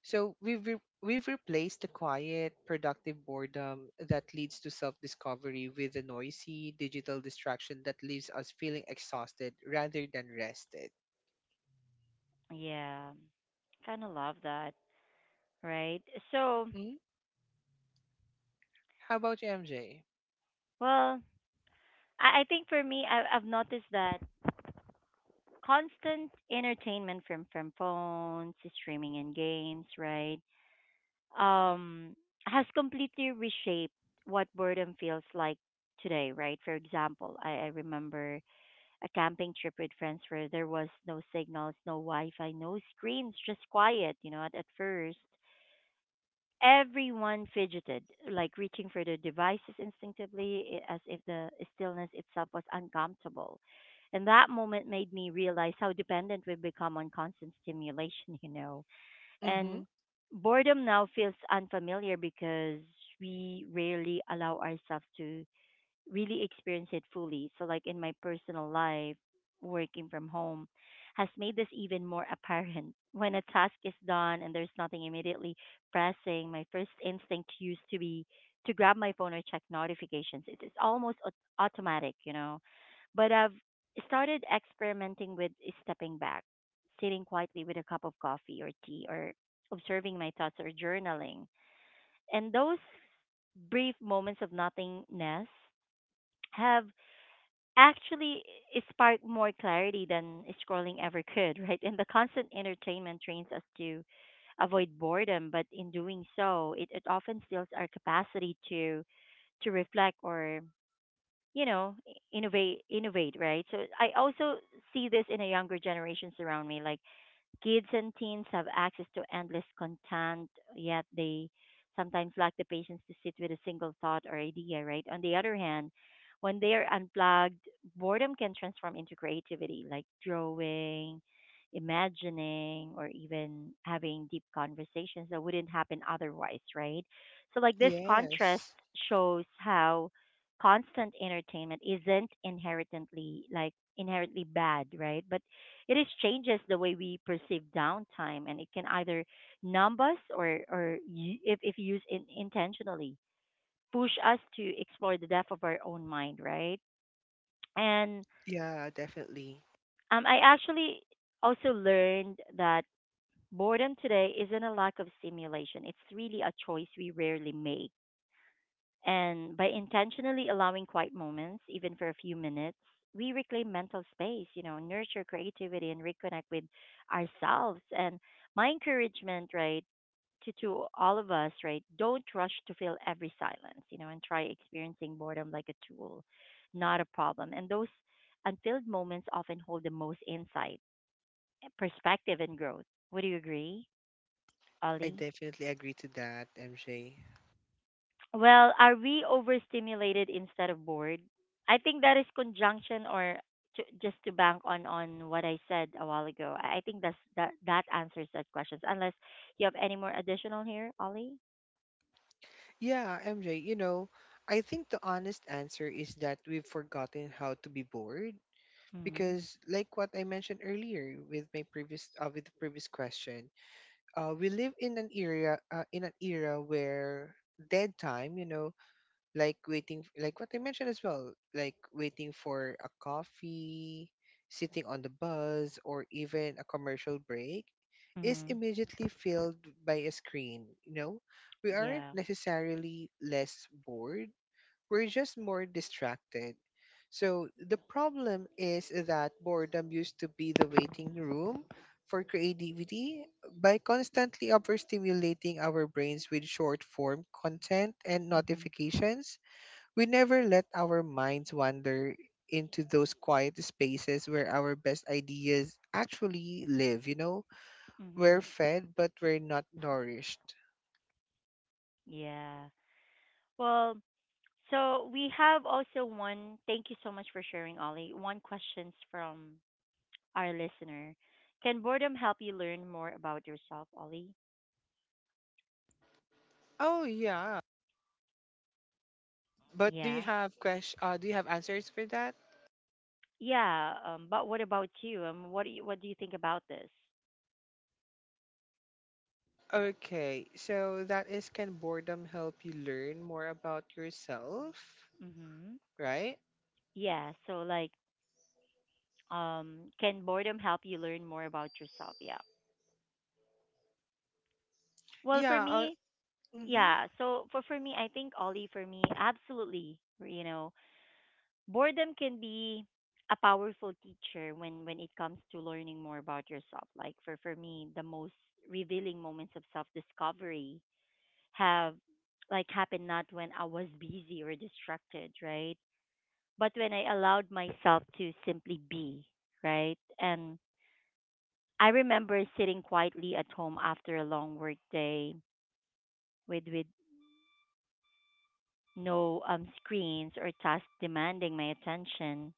B: so we've replaced the quiet, productive boredom that leads to self discovery with the noisy digital distraction that leaves us feeling exhausted rather than rested.
A: Yeah. Kind of love that. Right. So,
B: Mm? How about you, MJ?
A: well, I think for me, I've noticed that constant entertainment from phones, streaming, and games, right, um, has completely reshaped what boredom feels like today, right? For example, I remember a camping trip with friends where there was no signals, no Wi-Fi, no screens, just quiet. You know, at first. Everyone fidgeted, like reaching for their devices instinctively, as if the stillness itself was uncomfortable. And that moment made me realize how dependent we've become on constant stimulation, you know.
B: Mm-hmm.
A: And boredom now feels unfamiliar because we rarely allow ourselves to really experience it fully. So, like in my personal life, working from home has made this even more apparent. When a task is done and there's nothing immediately pressing, my first instinct used to be to grab my phone or check notifications. It is almost automatic, you know. But I've started experimenting with stepping back, sitting quietly with a cup of coffee or tea, or observing my thoughts or journaling. And those brief moments of nothingness have actually it sparked more clarity than scrolling ever could, right? And the constant entertainment trains us to avoid boredom, but in doing so, it often steals our capacity to reflect or you know innovate right so I also see this in a younger generations around me like kids and teens have access to endless content, yet they sometimes lack the patience to sit with a single thought or idea, right? On the other hand, when they are unplugged, boredom can transform into creativity, like drawing, imagining, or even having deep conversations that wouldn't happen otherwise, right? So, like, this contrast
B: Yes.
A: shows how constant entertainment isn't inherently inherently bad right but it is changes the way we perceive downtime, and it can either numb us or, if, used in, intentionally, push us to explore the depth of our own mind, right? And
B: Yeah, definitely.
A: I actually also learned that boredom today isn't a lack of stimulation. It's really a choice we rarely make. And by intentionally allowing quiet moments, even for a few minutes, we reclaim mental space, you know, nurture creativity and reconnect with ourselves. And my encouragement, right, to, all of us, right, don't rush to fill every silence, you know, and try experiencing boredom like a tool, not a problem. And those unfilled moments often hold the most insight, perspective, and growth. Would you agree,
B: I
A: Ollie?
B: definitely agree to that, MJ.
A: Well, are we overstimulated instead of bored? I think that is conjunction or to, just to bank on what I said a while ago. I think that's that answers that questions. Unless you have any more additional here, Ollie.
B: Yeah, MJ, you know, I think the honest answer is that we've forgotten how to be bored
A: Mhm.
B: because like what I mentioned earlier with my previous with the previous question, we live in an era where dead time, you know, like waiting, like what I mentioned as well, like waiting for a coffee, sitting on the bus, or even a commercial break is
A: Mhm.
B: immediately filled by a screen, you know? We aren't
A: Yeah.
B: necessarily less bored, we're just more distracted. So the problem is that boredom used to be the waiting room for creativity. By constantly overstimulating our brains with short form content and
A: Mhm.
B: notifications, we never let our minds wander into those quiet spaces where our best ideas actually live, you know? We're
A: Mhm.
B: fed, but we're not nourished.
A: Yeah. Well, so we have also one. Thank you so much for sharing, Ollie. One questions from our listener. Can boredom help you learn more about yourself, Ollie?
B: Oh yeah. But do you
A: Yeah.
B: have question, do you have answers for that?
A: Yeah, but what about you? What do you, what do you think about this?
B: Okay. So that is, can boredom help you learn more about yourself,
A: Mm-hmm.
B: right?
A: Yeah, so like, can boredom help you learn more about yourself? Yeah. Well, for
B: Yeah,
A: me,
B: mhm.
A: yeah. So for me, I think Ollie, for me, absolutely. You know, boredom can be a powerful teacher when it comes to learning more about yourself. Like for me, the most revealing moments of self discovery have like happened not when I was busy or distracted, right? But when I allowed myself to simply be, right? And I remember sitting quietly at home after a long work day with no screens or tasks demanding my attention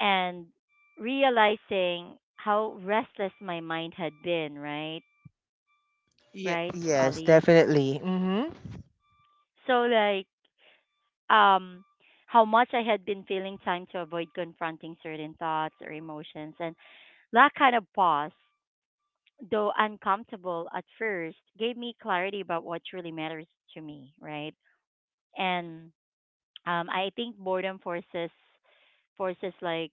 A: and realizing how restless my mind had been, right?
B: Yeah,
A: Right,
B: yes,
A: Ollie.
B: definitely. Mhm.
A: So like um how much I had been feeling time to avoid confronting certain thoughts or emotions and that kind of pause though uncomfortable at first, gave me clarity about what truly matters to me, right? And I think boredom forces forces like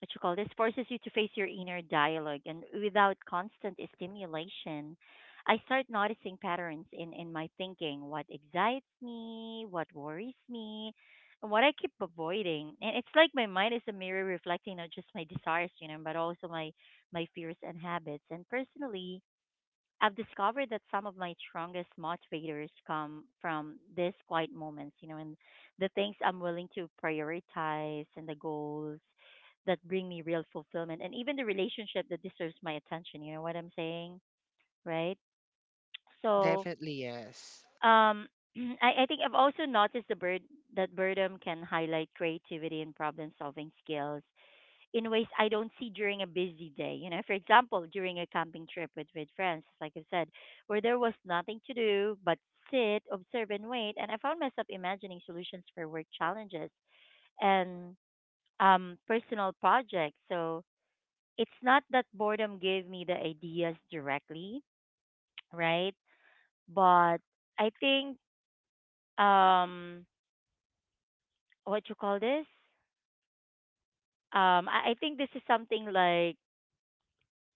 A: what you call this forces you to face your inner dialogue, and without constant stimulation, I start noticing patterns in my thinking, what excites me, what worries me. And what I keep avoiding, and it's like my mind is a mirror reflecting not just my desires, you know, but also my fears and habits. And personally, I've discovered that some of my strongest motivators come from these quiet moments, you know, and the things I'm willing to prioritize and the goals that bring me real fulfillment and even the relationship that deserves my attention. You know what I'm saying? Right? So,
B: Definitely yes.
A: um, I think I've also noticed the bird that boredom can highlight creativity and problem solving skills in ways I don't see during a busy day. You know, for example, during a camping trip with friends, like I said, where there was nothing to do but sit, observe, and wait. And I found myself imagining solutions for work challenges and personal projects. So it's not that boredom gave me the ideas directly, right? But I think, um, what you call this? I think this is something like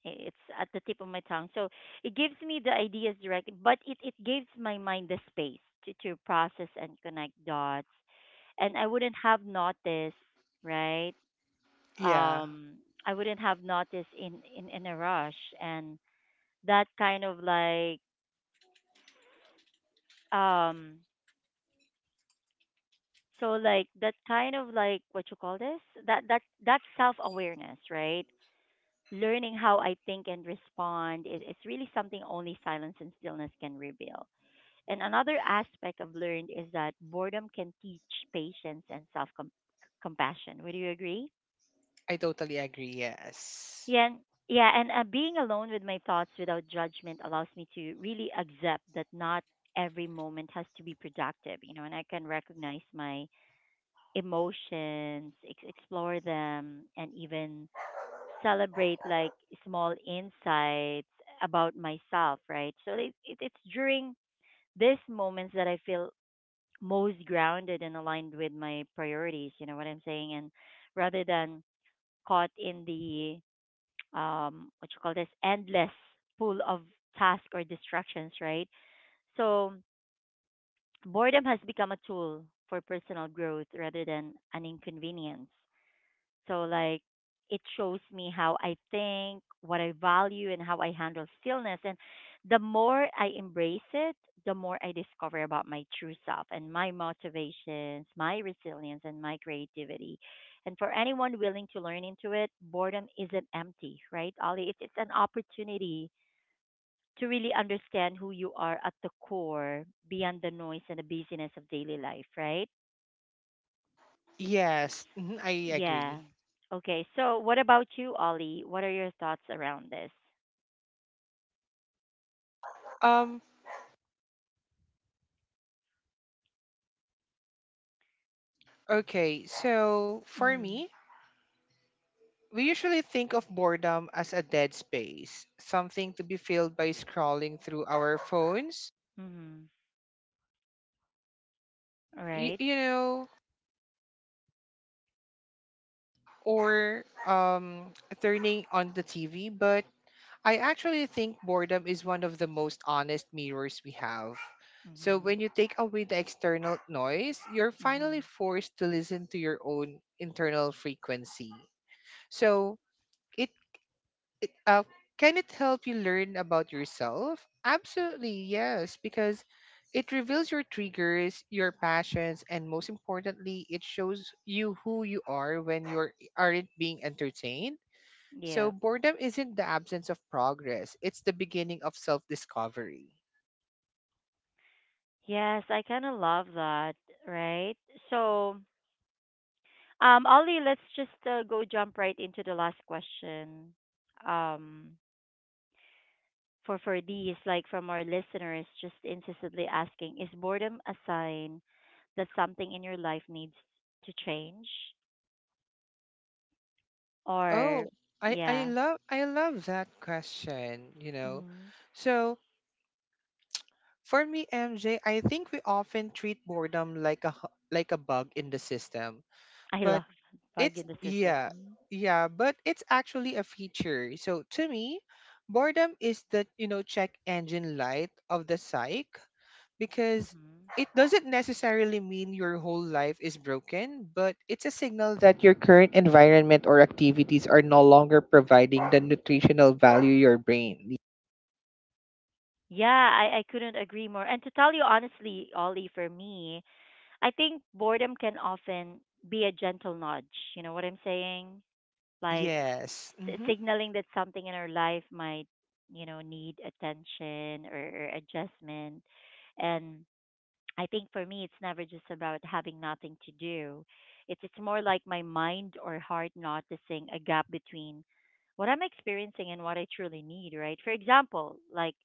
A: it's at the tip of my tongue. So it gives me the ideas directly, but it gives my mind the space to process and connect dots. And I wouldn't have noticed, right?
B: Yeah,
A: Um, I wouldn't have noticed in a rush. And that kind of like, um, so like that kind of like what you call this? That that that self awareness, right? Learning how I think and respond is really something only silence and stillness can reveal. And another aspect I've learned is that boredom can teach patience and self compassion. Would you agree?
B: I totally agree. Yes.
A: Yeah, and, yeah, and being alone with my thoughts without judgment allows me to really accept that not every moment has to be productive, you know, and I can recognize my emotions, explore them, and even celebrate like small insights about myself, right? So it's during these moments that I feel most grounded and aligned with my priorities. You know what I'm saying? And rather than caught in the what you call this endless pool of tasks or distractions, right? So boredom has become a tool for personal growth rather than an inconvenience. So like it shows me how I think, what I value and how I handle stillness. And the more I embrace it, the more I discover about my true self and my motivations, my resilience and my creativity. And for anyone willing to learn into it, boredom isn't empty, right, Ollie? It's an opportunity to really understand who you are at the core beyond the noise and the busyness of daily life, right?
B: Yes, mhm, I
A: Yeah.
B: agree.
A: Okay. So, what about you, Ollie? What are your thoughts around this?
B: Um, okay, so for me,
A: Mm.
B: we usually think of boredom as a dead space, something to be filled by scrolling through our phones,
A: Mhm. Right?
B: you know, or turning on the TV. But I actually think boredom is one of the most honest mirrors we have. So
A: Mhm.
B: when you take away the external noise, you're finally
A: Mhm.
B: forced to listen to your own internal frequency. So it it can it help you learn about yourself? Absolutely, yes, because it reveals your triggers, your passions, and most importantly, it shows you who you are when you aren't being entertained. So,
A: Yeah.
B: boredom isn't the absence of progress, it's the beginning of self discovery.
A: Yes, I kind of love that, right? So, Ollie, let's just go jump right into the last question. Um, for these like from our listeners just insistently asking, is boredom a sign that something in your life needs to change or
B: Oh, I
A: yeah.
B: love that question, you know.
A: Mm-hmm.
B: So for me, MJ, I think we often treat boredom like like a bug in the system.
A: I
B: But
A: love that bug
B: it's
A: in the system.
B: yeah,
A: Mm-hmm.
B: yeah, but it's actually a feature. So to me, boredom is the, you know, check engine light of the psyche, because
A: Mm-hmm.
B: it doesn't necessarily mean your whole life is broken, but it's a signal that your current environment or activities are no longer providing the nutritional value your brain needs.
A: Yeah, I couldn't agree more. And to tell you honestly, Ollie, for me, I think boredom can often be a gentle nudge. You know what I'm saying? Like
B: Yes. Mhm.
A: signaling that something in our life might, you know, need attention or adjustment. And I think for me, it's never just about having nothing to do. It's more like my mind or heart noticing a gap between what I'm experiencing and what I truly need, right? For example, like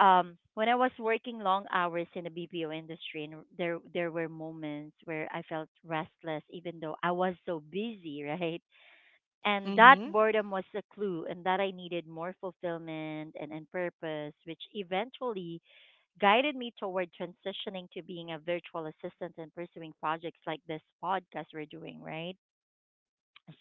A: when I was working long hours in the BPO industry, and there were moments where I felt restless, even though I was so busy, right? And that
B: Mhm.
A: boredom was a clue, and that I needed more fulfillment and purpose, which eventually guided me toward transitioning to being a virtual assistant and pursuing projects like this podcast we're doing, right?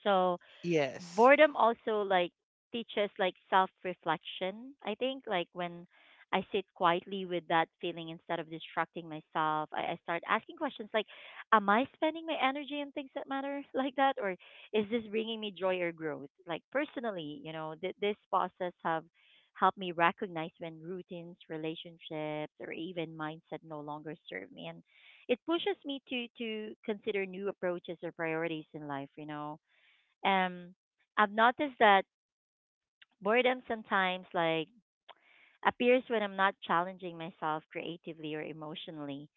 A: So,
B: Yes.
A: boredom also like teaches like self reflection. I think like when I sit quietly with that feeling instead of distracting myself, I start asking questions like, am I spending my energy on things that matter like that, or is this bringing me joy or growth like personally, you know? This process have helped me recognize when routines, relationships or even mindset no longer serve me, and it pushes me to consider new approaches or priorities in life, you know. um, I've noticed that boredom sometimes like appears when I'm not challenging myself creatively or emotionally.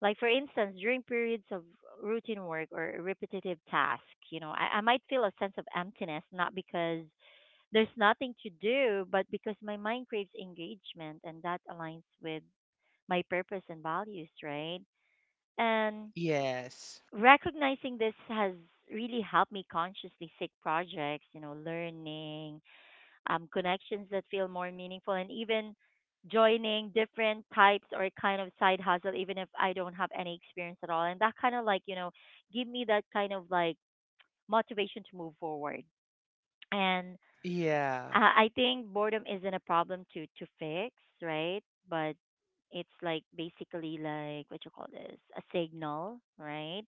A: Like for instance, during periods of routine work or repetitive tasks, you know, I might feel a sense of emptiness, not because there's nothing to do, but because my mind craves engagement and that aligns with my purpose and values, right? And
B: Yes.
A: recognizing this has really helped me consciously seek projects, you know, learning, connections that feel more meaningful, and even joining different types or kind of side hustle, even if I don't have any experience at all. And that kind of like, you know, give me that kind of like motivation to move forward. And
B: Yeah.
A: I think boredom isn't a problem to fix, right? But it's like basically like what you call this a signal, right?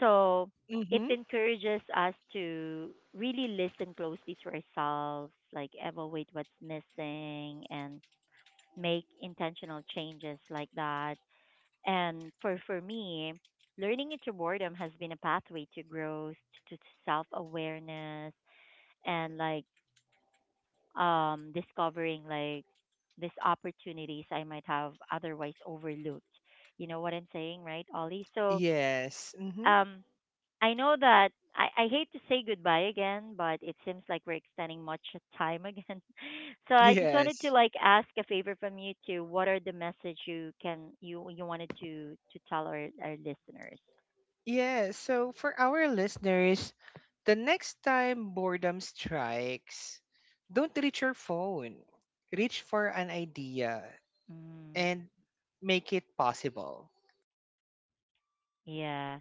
A: So it
B: Mhm.
A: encourages us to really listen closely to ourselves, like evaluate what's missing and make intentional changes like that. And for me, learning into boredom has been a pathway to growth, to self awareness, and like discovering like these opportunities I might have otherwise overlooked. You know what I'm saying, right, Ollie? So
B: Yes. Mhm.
A: um, I know that I hate to say goodbye again, but it seems like we're extending much time again. So I just wanted to
B: Yes.
A: like ask a favor from you too. What are the message you can you wanted to tell our listeners?
B: Yeah, so for our listeners, the next time boredom strikes, don't reach your phone. Reach for an idea
A: Mm,
B: and make it possible.
A: yeah.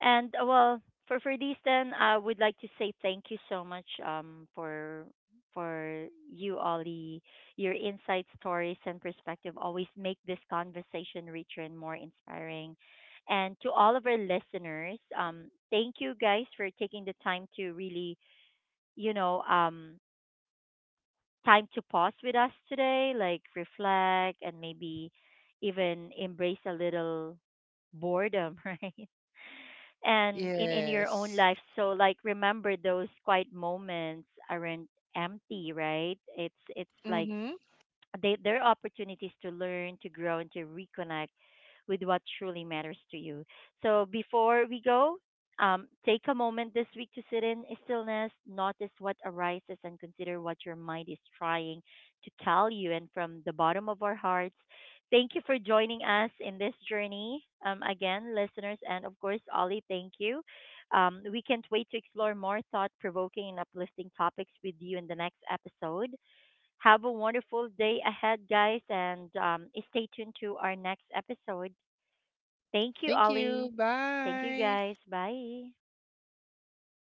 A: And well, for these, then, I would like to say thank you so much for you, Ollie. Your insights, stories, and perspective always make this conversation richer and more inspiring. And to all of our listeners, thank you guys for taking the time to really, you know, time to pause with us today, like reflect and maybe even embrace a little boredom, right? And in your own
B: Yes.
A: life, so like remember those quiet moments aren't empty, right? It's like
B: Mm-hmm.
A: they they're opportunities to learn, to grow, and to reconnect with what truly matters to you. So before we go, take a moment this week to sit in stillness, notice what arises, and consider what your mind is trying to tell you. And from the bottom of our hearts, thank you for joining us in this journey. Again, listeners, and of course, Ollie, thank you. We can't wait to explore more thought provoking and uplifting topics with you in the next episode. Have a wonderful day ahead, guys, and stay tuned to our next episode. Thank you,
B: Thank
A: Ollie.
B: you.
A: Thank you,
B: Bye.
A: guys. Bye.